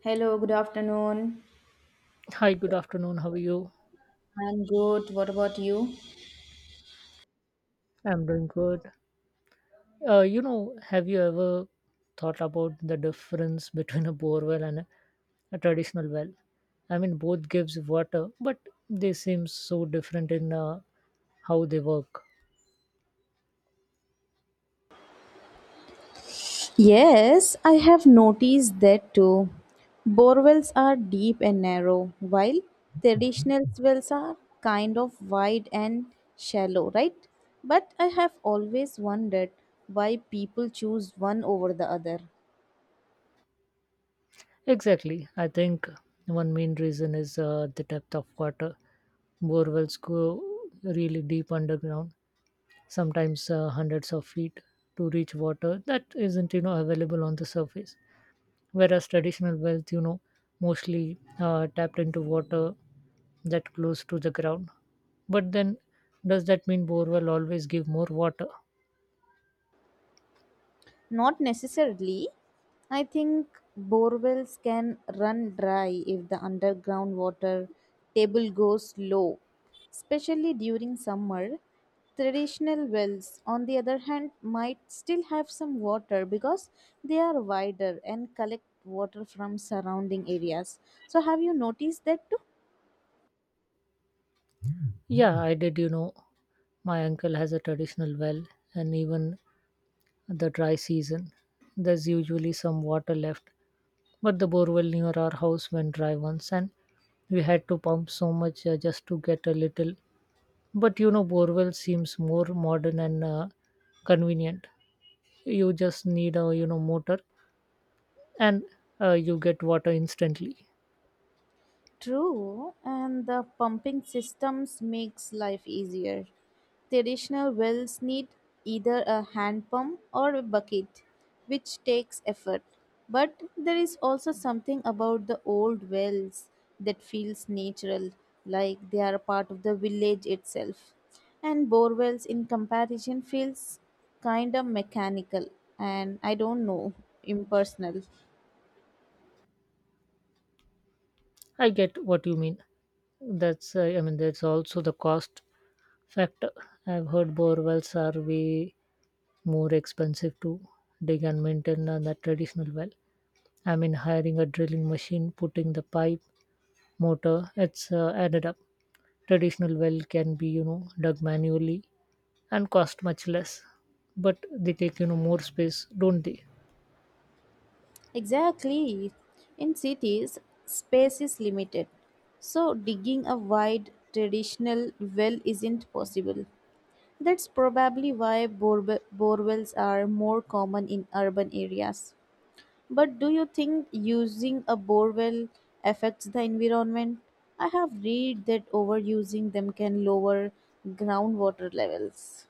Hello, good afternoon. Hi, good afternoon. How are you? I'm good. What about you? I'm doing good. Have you ever thought about the difference between a borewell and a traditional well? I mean, both gives water, but they seem so different in how they work. Yes, I have noticed that too. Borewells are deep and narrow, while traditional wells are kind of wide and shallow, right? But I have always wondered why people choose one over the other. Exactly. I think one main reason is the depth of water. Borewells go really deep underground, sometimes hundreds of feet, to reach water that isn't available on the surface, whereas traditional wells mostly tapped into water that close to the ground. But then does that mean borewell always give more water? Not necessarily. I think borewells can run dry if the underground water table goes low, especially during summer. Traditional wells, on the other hand, might still have some water because they are wider and collect water from surrounding areas. So, have you noticed that too? Yeah, I did. My uncle has a traditional well, and even the dry season there's usually some water left, but the borewell near our house went dry once, and we had to pump so much just to get a little. But borewell seems more modern and convenient. You just need a motor and you get water instantly. True, and the pumping systems makes life easier. Traditional wells need either a hand pump or a bucket, which takes effort. But there is also something about the old wells that feels natural, like they are a part of the village itself. And bore wells in comparison feels kind of mechanical and I don't know, impersonal. I get what you mean. That's I mean that's also the cost factor. I've heard bore wells are way more expensive to dig and maintain than the traditional well. I mean, hiring a drilling machine, putting the pipe, motor, it's added up. Traditional well can be dug manually and cost much less, but they take more space, don't they? Exactly. In cities, space is limited. So, digging a wide traditional well isn't possible. That's probably why borewells are more common in urban areas. But do you think using a borewell affects the environment? I have read that overusing them can lower groundwater levels.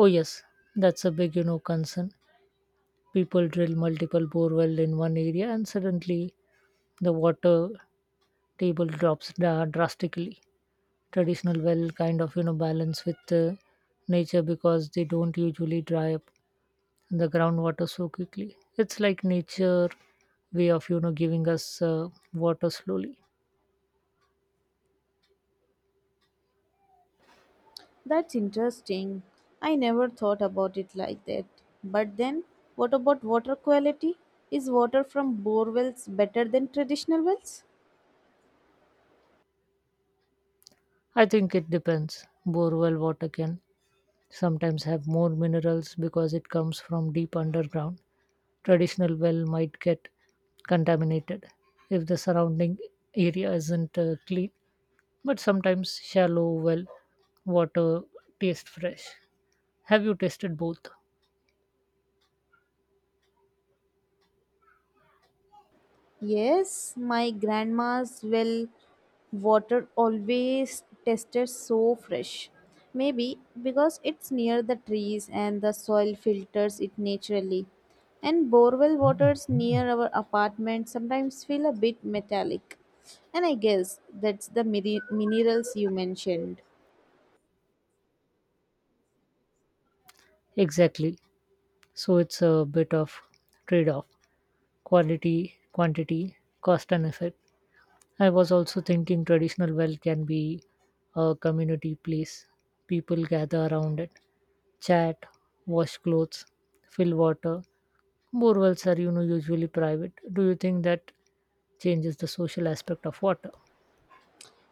Oh yes, that's a big concern. People drill multiple bore wells in one area and suddenly the water table drops drastically. Traditional well kind of balance with nature because they don't usually dry up the groundwater so quickly. It's like nature way of giving us water slowly. That's interesting. I never thought about it like that. But then, what about water quality? Is water from bore wells better than traditional wells? I think it depends. Borewell water can sometimes have more minerals because it comes from deep underground. Traditional well might get contaminated if the surrounding area isn't clean, but sometimes shallow well water tastes fresh. Have you tested both? Yes, my grandma's well water always tasted so fresh. Maybe because it's near the trees and the soil filters it naturally. And borewell waters near our apartment sometimes feel a bit metallic. And I guess that's the minerals you mentioned. Exactly. So it's a bit of trade off: quality, quantity, cost, and effect. I was also thinking traditional well can be a community place. People gather around it, chat, wash clothes, fill water. Bore wells are usually private. Do you think that changes the social aspect of water?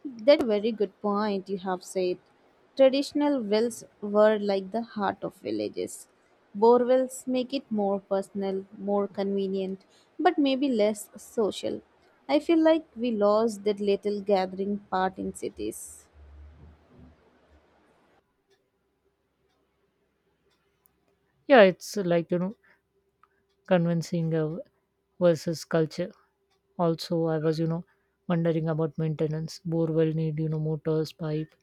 That very good point you have said. Traditional wells were like the heart of villages. Bore wells make it more personal, more convenient, but maybe less social. I feel like we lost that little gathering part in cities. Yeah, it's like convincing versus culture. Also, I was wondering about maintenance. Bore well need motors, pipe,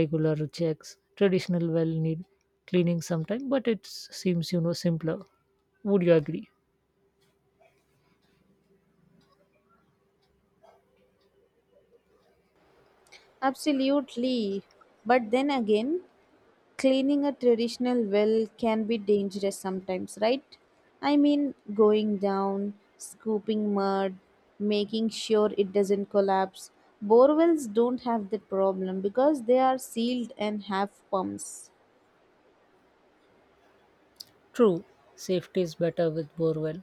regular checks. Traditional well need cleaning sometime, but seems simpler. Would you agree? Absolutely. But then again, cleaning a traditional well can be dangerous sometimes, right? I mean, going down, scooping mud, making sure it doesn't collapse. Borewells don't have that problem because they are sealed and have pumps. True, safety is better with borewell,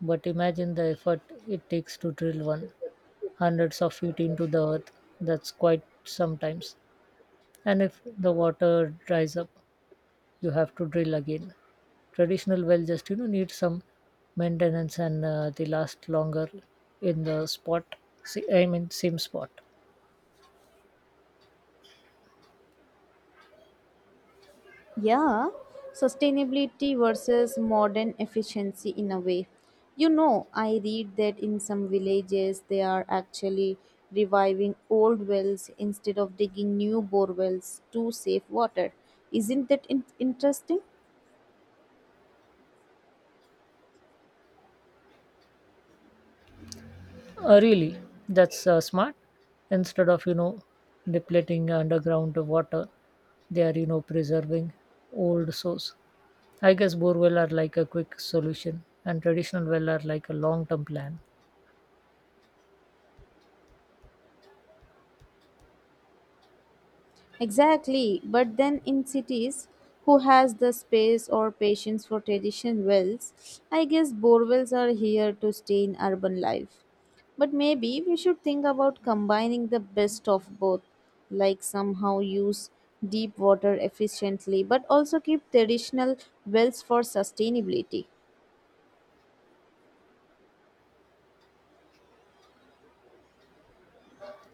but imagine the effort it takes to drill one, hundreds of feet into the earth. That's quite sometimes. And if the water dries up, you have to drill again. Traditional well just need some maintenance, and they last longer in the spot. See, I mean same spot. Yeah, sustainability versus modern efficiency in a way. You know, I read that in some villages they are actually reviving old wells instead of digging new bore wells to save water. Isn't that interesting? Really, that's smart. Instead of depleting underground water, they are preserving old source. I guess borewell are like a quick solution, and traditional well are like a long-term plan. Exactly, but then in cities, who has the space or patience for tradition wells? I guess borewells are here to stay in urban life. But maybe we should think about combining the best of both, like somehow use deep water efficiently, but also keep traditional wells for sustainability.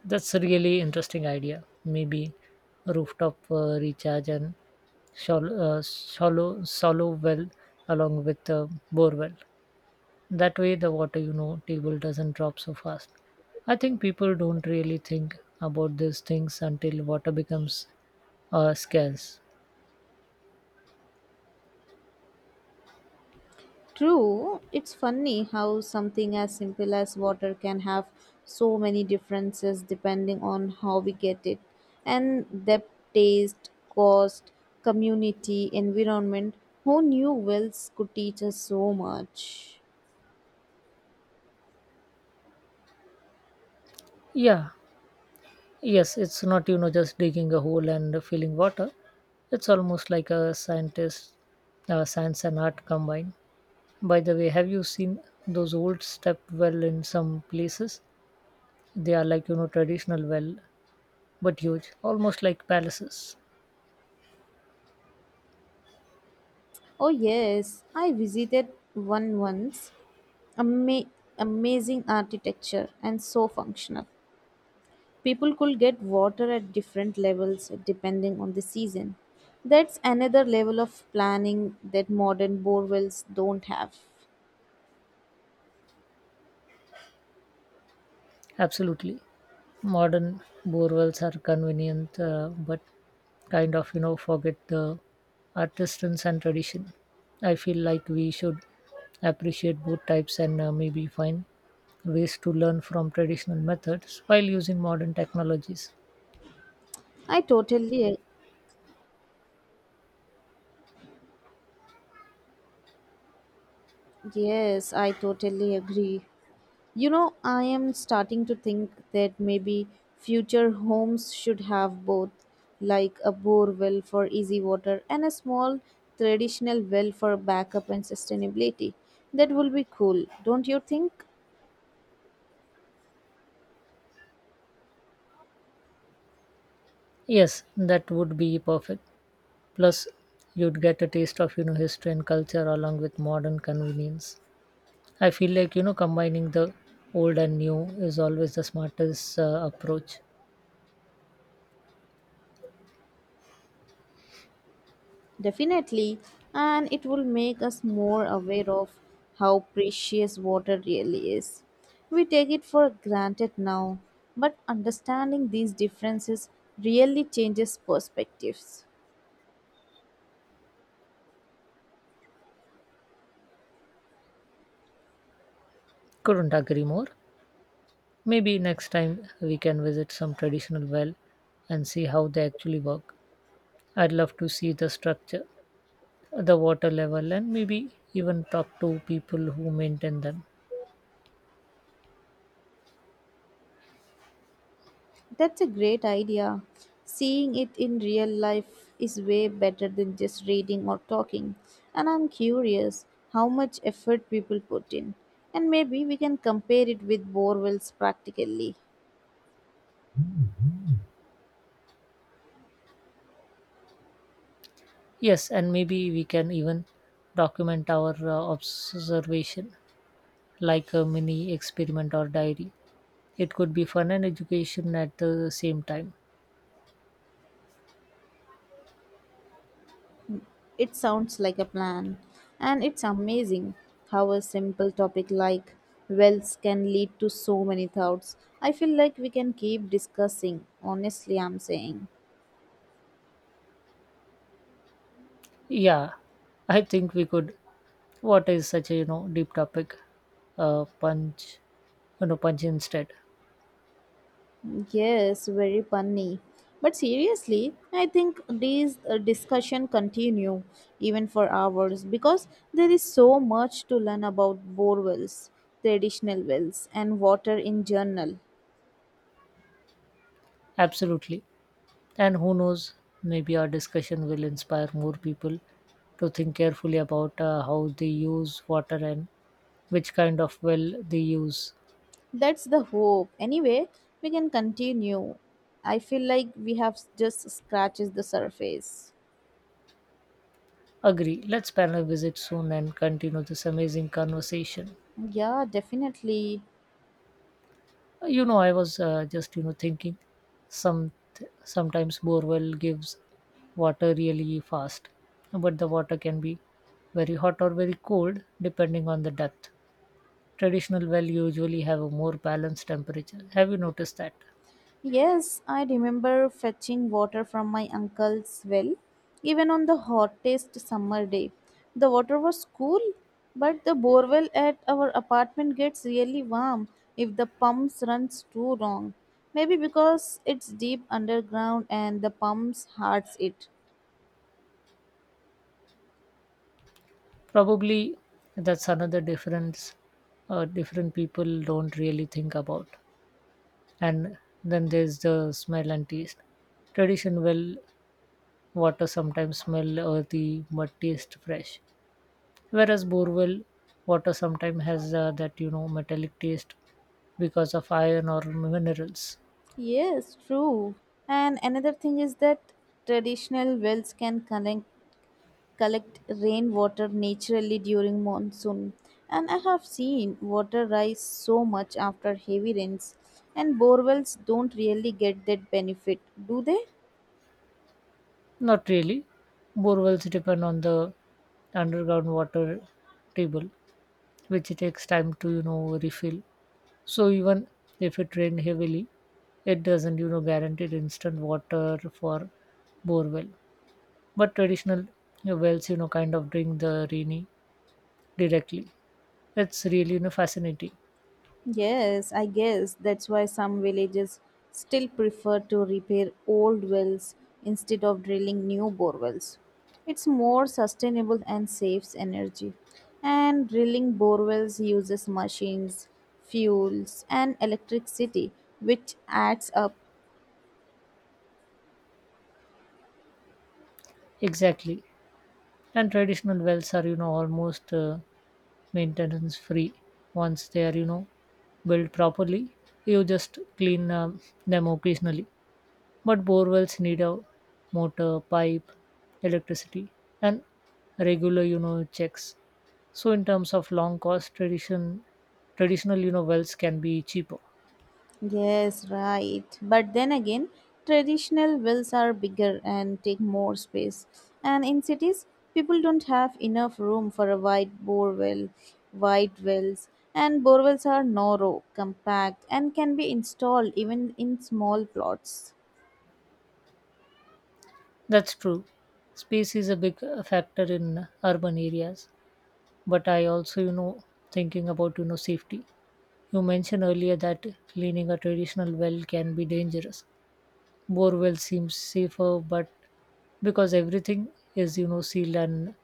That's a really interesting idea. Maybe rooftop recharge and shallow well along with borewell. That way, the water, table doesn't drop so fast. I think people don't really think about these things until water becomes scarce. True, it's funny how something as simple as water can have so many differences depending on how we get it. And depth, taste, cost, community, environment. Who knew wells could teach us so much? Yeah, yes, it's, not, you know, just digging a hole and filling water. It's almost like a scientist, science and art combined. By the way, have you seen those old step well in some places? They are like, traditional well, but huge, almost like palaces. Oh, yes, I visited one once. Ama- Amazing architecture and so functional. People could get water at different levels depending on the season. That's another level of planning that modern bore wells don't have. Absolutely. Modern borewells are convenient, but kind of forget the artisans and tradition. I feel like we should appreciate both types, and maybe find ways to learn from traditional methods while using modern technologies. I totally, ag- yes, I totally agree. You know, I am starting to think that maybe future homes should have both, like a bore well for easy water and a small traditional well for backup and sustainability. That will be cool, don't you think? Yes, that would be perfect. Plus you'd get a taste of history and culture along with modern convenience. I feel like combining the old and new is always the smartest approach. Definitely, and it will make us more aware of how precious water really is. We take it for granted now, but understanding these differences really changes perspectives. Couldn't agree more. Maybe next time we can visit some traditional well and see how they actually work. I'd love to see the structure, the water level, and maybe even talk to people who maintain them. That's a great idea. Seeing it in real life is way better than just reading or talking, and I'm curious how much effort people put in. And maybe we can compare it with bore wells practically. Yes, and maybe we can even document our observation like a mini experiment or diary. It could be fun and education at the same time. It sounds like a plan. And it's amazing how a simple topic like wells can lead to so many thoughts. I feel like we can keep discussing, honestly, I'm saying. Yeah, I think we could. What is such a deep topic? Punch, punch instead. Yes, very funny. But seriously, I think these discussion continue even for hours because there is so much to learn about bore wells, traditional wells, and water in general. Absolutely. And who knows, maybe our discussion will inspire more people to think carefully about how they use water and which kind of well they use. That's the hope. Anyway, we can continue. I feel like we have just scratches the surface. Agree. Let's plan a visit soon and continue this amazing conversation. Yeah, definitely. You know, I was just thinking, some sometimes borewell gives water really fast, but the water can be very hot or very cold depending on the depth. Traditional well usually have a more balanced temperature. Have you noticed that? Yes, I remember fetching water from my uncle's well, even on the hottest summer day. The water was cool, but the borewell at our apartment gets really warm if the pumps runs too long. Maybe because it's deep underground and the pumps hurts it. Probably. That's another difference different people don't really think about. And then there's the smell and taste. Tradition well water sometimes smell earthy but taste fresh, whereas borewell water sometimes has that metallic taste because of iron or minerals. Yes, true. And another thing is that traditional wells can collect rainwater naturally during monsoon. And I have seen water rise so much after heavy rains, and bore wells don't really get that benefit, do they? Not really. Borewells depend on the underground water table, which takes time to refill. So even if it rain heavily, it doesn't guaranteed instant water for borewell. But traditional you wells kind of drink the rainy directly. It's really fascinating. Yes, I guess that's why some villages still prefer to repair old wells instead of drilling new borewells. It's more sustainable and saves energy. And drilling borewells uses machines, fuels, and electricity, which adds up. Exactly, and traditional wells are almost maintenance free once they are built properly. You just clean them occasionally. But borewells need a motor, pipe, electricity, and regular, checks. So in terms of long cost, traditional, wells can be cheaper. Yes, right. But then again, traditional wells are bigger and take more space. And in cities, people don't have enough room for a wide wells. And bore wells are narrow, compact, and can be installed even in small plots. That's true. Space is a big factor in urban areas, but I also, thinking about, safety. You mentioned earlier that cleaning a traditional well can be dangerous. Bore well seems safer, but because everything is, sealed and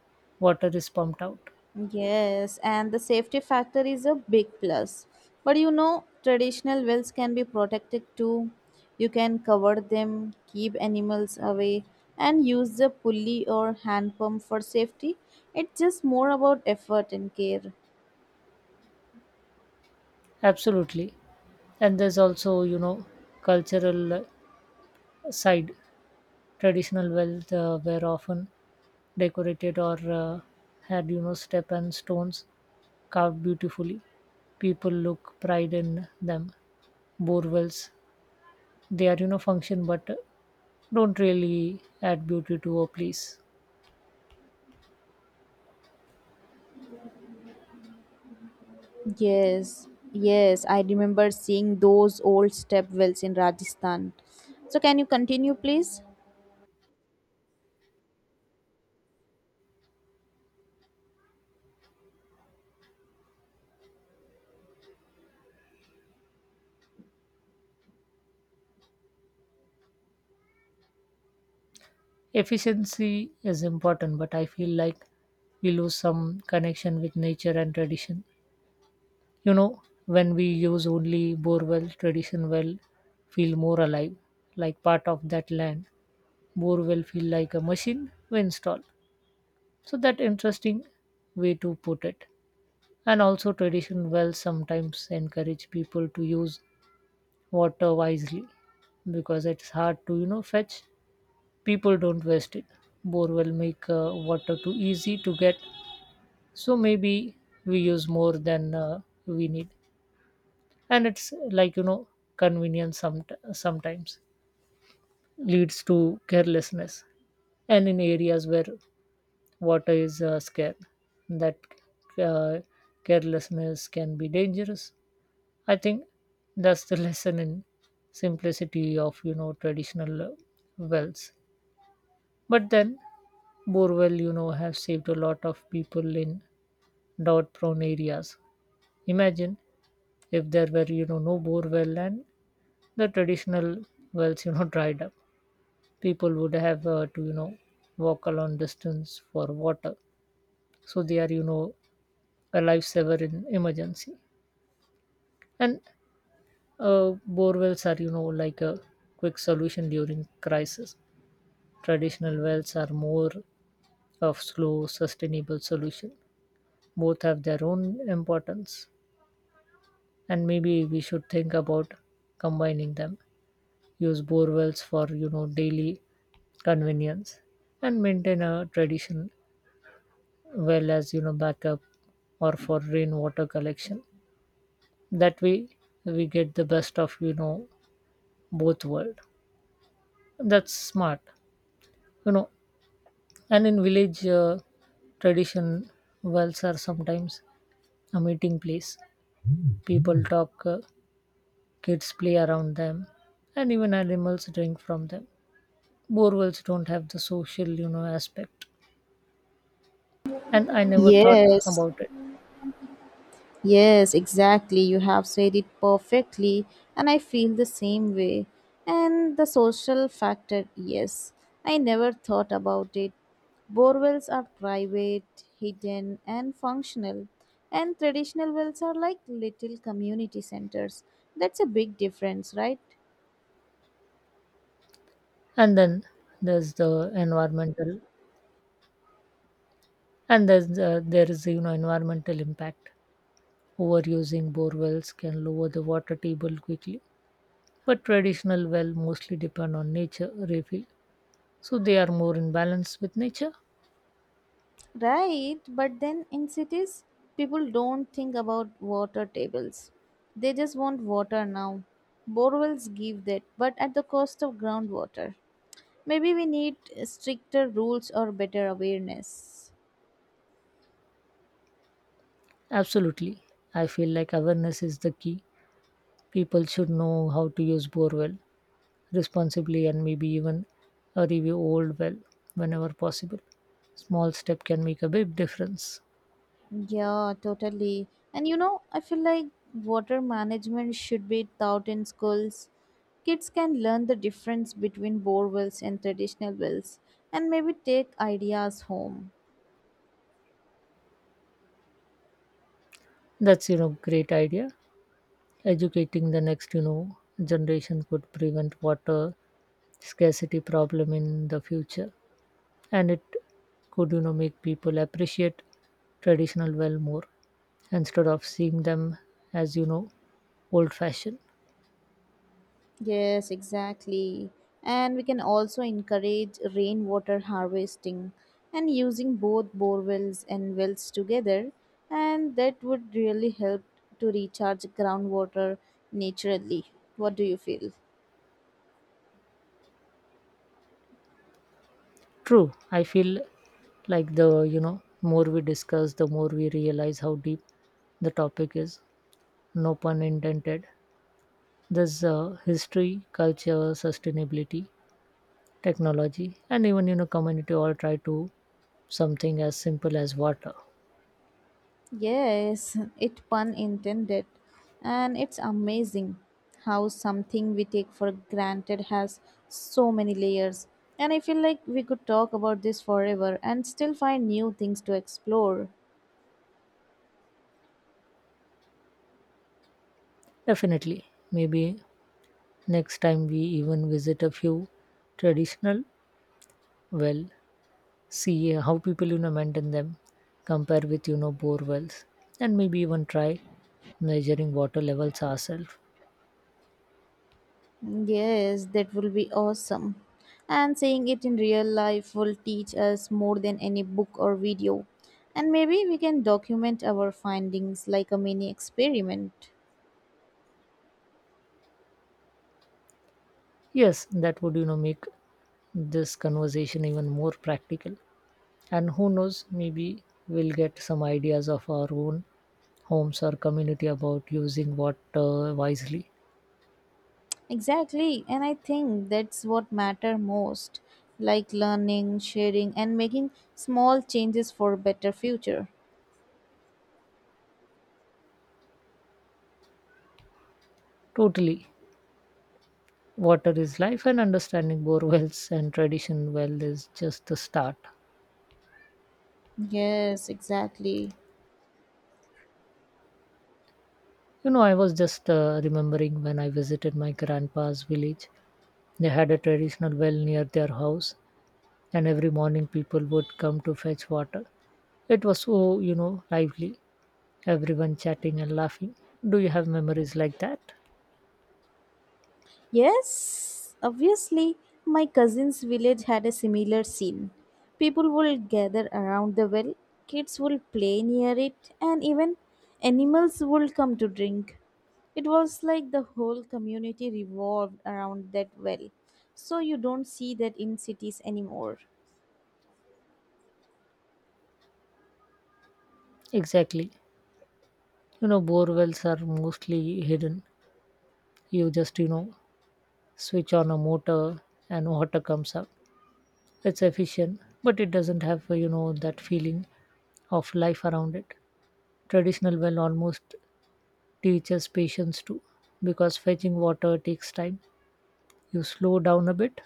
water is pumped out. Yes, and the safety factor is a big plus. But you know, traditional wells can be protected too. You can cover them, keep animals away, and use the pulley or hand pump for safety. It's just more about effort and care. Absolutely. And there's also, cultural side. Traditional wealth were often decorated or had, step and stones carved beautifully. People look pride in them. Bore wells, they are, function but don't really add beauty to a place. Yes, yes, I remember seeing those old step wells in Rajasthan. So, can you continue, please? Efficiency is important, but I feel like we lose some connection with nature and tradition. You know, when we use only borewell, tradition well feel more alive, like part of that land. Borewell feel like a machine we install. So that interesting way to put it. And also tradition wells sometimes encourage people to use water wisely because it's hard to fetch. People don't waste it. Borewell make water too easy to get, so maybe we use more than we need. And it's like convenience sometimes leads to carelessness. And in areas where water is scarce, that uh, carelessness can be dangerous. I think that's the lesson in simplicity of traditional wells. But then borewell have saved a lot of people in drought prone areas. Imagine if there were no borewell and the traditional wells dried up. People would have to walk a long distance for water. So they are a lifesaver in emergency. And uh, bore wells are like a quick solution during crisis. Traditional wells are more of slow sustainable solution. Both have their own importance, and maybe we should think about combining them. Use bore wells for daily convenience and maintain a tradition well as backup or for rainwater collection. That way we get the best of both world. That's smart, you know. And in village tradition wells are sometimes a meeting place. People talk, kids play around them, and even animals drink from them. Borewells don't have the social aspect, and I never thought Yes. about it. Yes, exactly. You have said it perfectly, and I feel the same way. And the social factor, yes, I never thought about it. Borewells are private, hidden, and functional, and traditional wells are like little community centers. That's a big difference, right? And then there's the environmental And there's, there is, you know, environmental impact. Overusing borewells can lower the water table quickly, but traditional well mostly depend on nature refill, so they are more in balance with nature. Right, but then in cities, people don't think about water tables. They just want water now. Borewells give that, but at the cost of groundwater. Maybe we need stricter rules or better awareness. Absolutely, I feel like awareness is the key. People should know how to use borewell responsibly and maybe even a review old well whenever possible. Small step can make a big difference. Yeah, totally. And you know, I feel like water management should be taught in schools. Kids can learn the difference between bore wells and traditional wells and maybe take ideas home. That's great idea. Educating the next, generation could prevent water scarcity problem in the future, and it could, make people appreciate traditional well more instead of seeing them as old fashioned. Yes, exactly. And we can also encourage rainwater harvesting and using both bore wells and wells together, and that would really help to recharge groundwater naturally. What do you feel? True, I feel like the more we discuss, the more we realize how deep the topic is. No pun intended. There's history, culture, sustainability, technology, and even community all try to something as simple as water. Yes, it pun intended. And it's amazing how something we take for granted has so many layers. And I feel like we could talk about this forever and still find new things to explore. Definitely. Maybe next time we even visit a few traditional well, see how people maintain them, compare with bore wells, and maybe even try measuring water levels ourselves. Yes, that will be awesome. And seeing it in real life will teach us more than any book or video. And maybe we can document our findings like a mini experiment. Yes, that would make this conversation even more practical. And who knows, maybe we'll get some ideas of our own homes or community about using water wisely. Exactly, and I think that's what matter most, like learning, sharing and making small changes for a better future. Totally. Water is life, and understanding borewells and tradition well is just the start. Yes, exactly. You know, I was just remembering when I visited my grandpa's village. They had a traditional well near their house, and every morning people would come to fetch water. It was so, lively, everyone chatting and laughing. Do you have memories like that? Yes, obviously, my cousin's village had a similar scene. People would gather around the well, kids would play near it, and even animals would come to drink. It was like the whole community revolved around that well. So you don't see that in cities anymore. Exactly. You know, borewells are mostly hidden. You just, switch on a motor and water comes up. It's efficient, but it doesn't have you know that feeling of life around it. Traditional well almost teaches patience too, because fetching water takes time. You slow down a bit.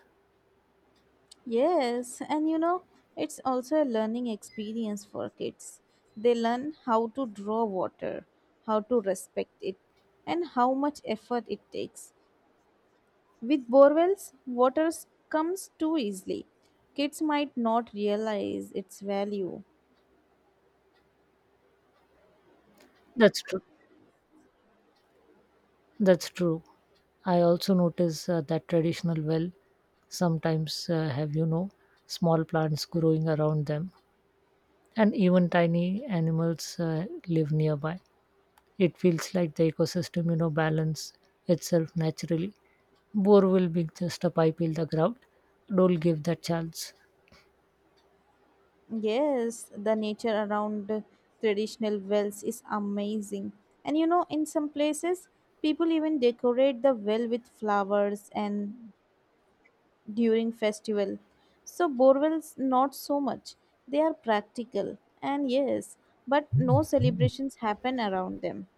Yes, and you know, it's also a learning experience for kids. They learn how to draw water, how to respect it, and how much effort it takes. With borewells, water comes too easily. Kids might not realize its value. that's true that's true. I also notice that traditional well sometimes have small plants growing around them, and even tiny animals live nearby. It feels like the ecosystem balance itself naturally. Bore will be just a pipe in the ground. Don't give that chance. Yes, the nature around traditional wells is amazing. And you know, in some places, people even decorate the well with flowers and during festival. So borewells not so much. They are practical and yes, but no celebrations happen around them.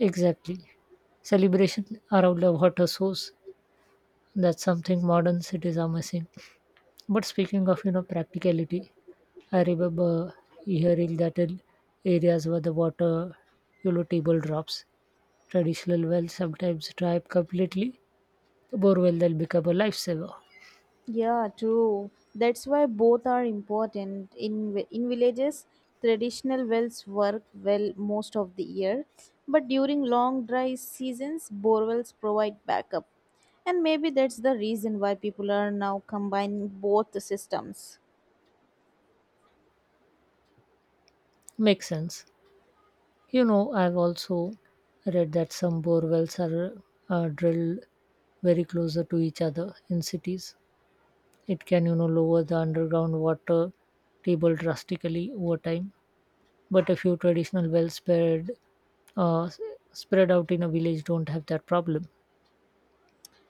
Exactly. Celebration around a water source. That's something modern cities are missing. But speaking of practicality, I remember hearing that in areas where the water table drops, traditional wells sometimes dry up completely. Borewell then become a lifesaver. Yeah, true. That's why both are important. In villages, traditional wells work well most of the year, but during long dry seasons, bore wells provide backup. And maybe that's the reason why people are now combining both the systems. Makes sense. You know, I've also read that some bore wells are drilled very closer to each other in cities. It can, lower the underground water table drastically over time. But a few traditional wells spread uh, s- spread out in a village don't have that problem.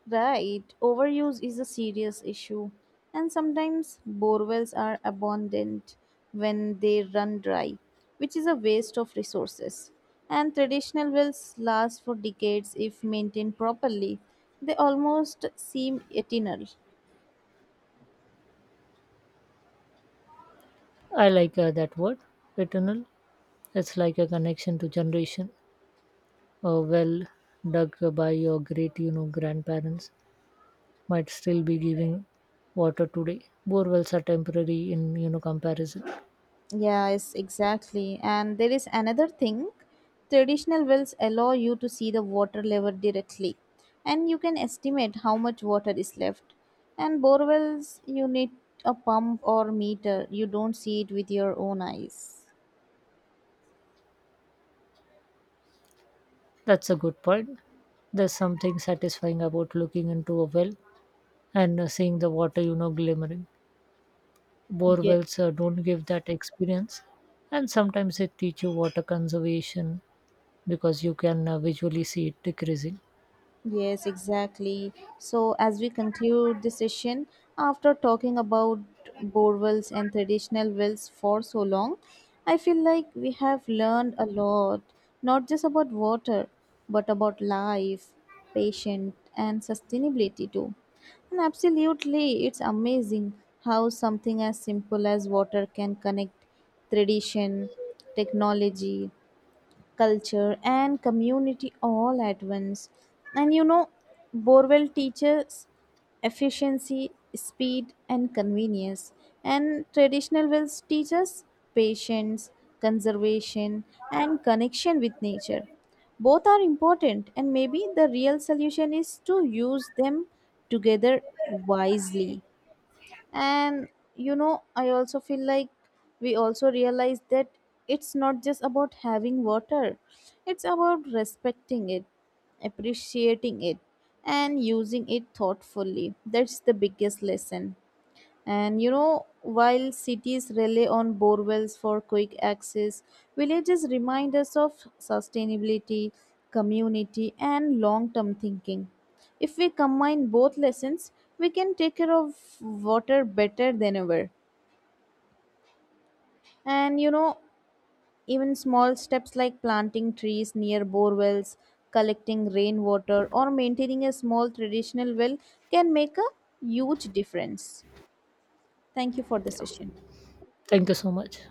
Right, overuse is a serious issue, and sometimes borewells are abundant when they run dry, which is a waste of resources. And traditional wells last for decades if maintained properly. They almost seem eternal. I like that word, eternal. It's like a connection to generation. A well dug by your great, grandparents might still be giving water today. Borewells are temporary in comparison. Yes, exactly. And there is another thing, traditional wells allow you to see the water level directly, and you can estimate how much water is left. And bore wells, you need a pump or meter, you don't see it with your own eyes. That's a good point. There's something satisfying about looking into a well and seeing the water glimmering. Yeah. Borewells don't give that experience, and sometimes they teach you water conservation because you can visually see it decreasing. Yes, exactly. So, as we conclude the session, after talking about bore wells and traditional wells for so long, I feel like we have learned a lot, not just about water, but about life, patience, and sustainability too. And absolutely, it's amazing how something as simple as water can connect tradition, technology, culture and community all at once. And you know, borewell teaches efficiency, speed and convenience, and traditional wells teach us patience, conservation and connection with nature. Both are important, and maybe the real solution is to use them together wisely. And you know, I also feel like we also realize that it's not just about having water, it's about respecting it, appreciating it, and using it thoughtfully. That's the biggest lesson. And you know, while cities rely on borewells for quick access, villages remind us of sustainability, community, and long term thinking. If we combine both lessons, we can take care of water better than ever. And you know, even small steps like planting trees near borewells, collecting rainwater, or maintaining a small traditional well can make a huge difference. Thank you for the session. Thank you so much.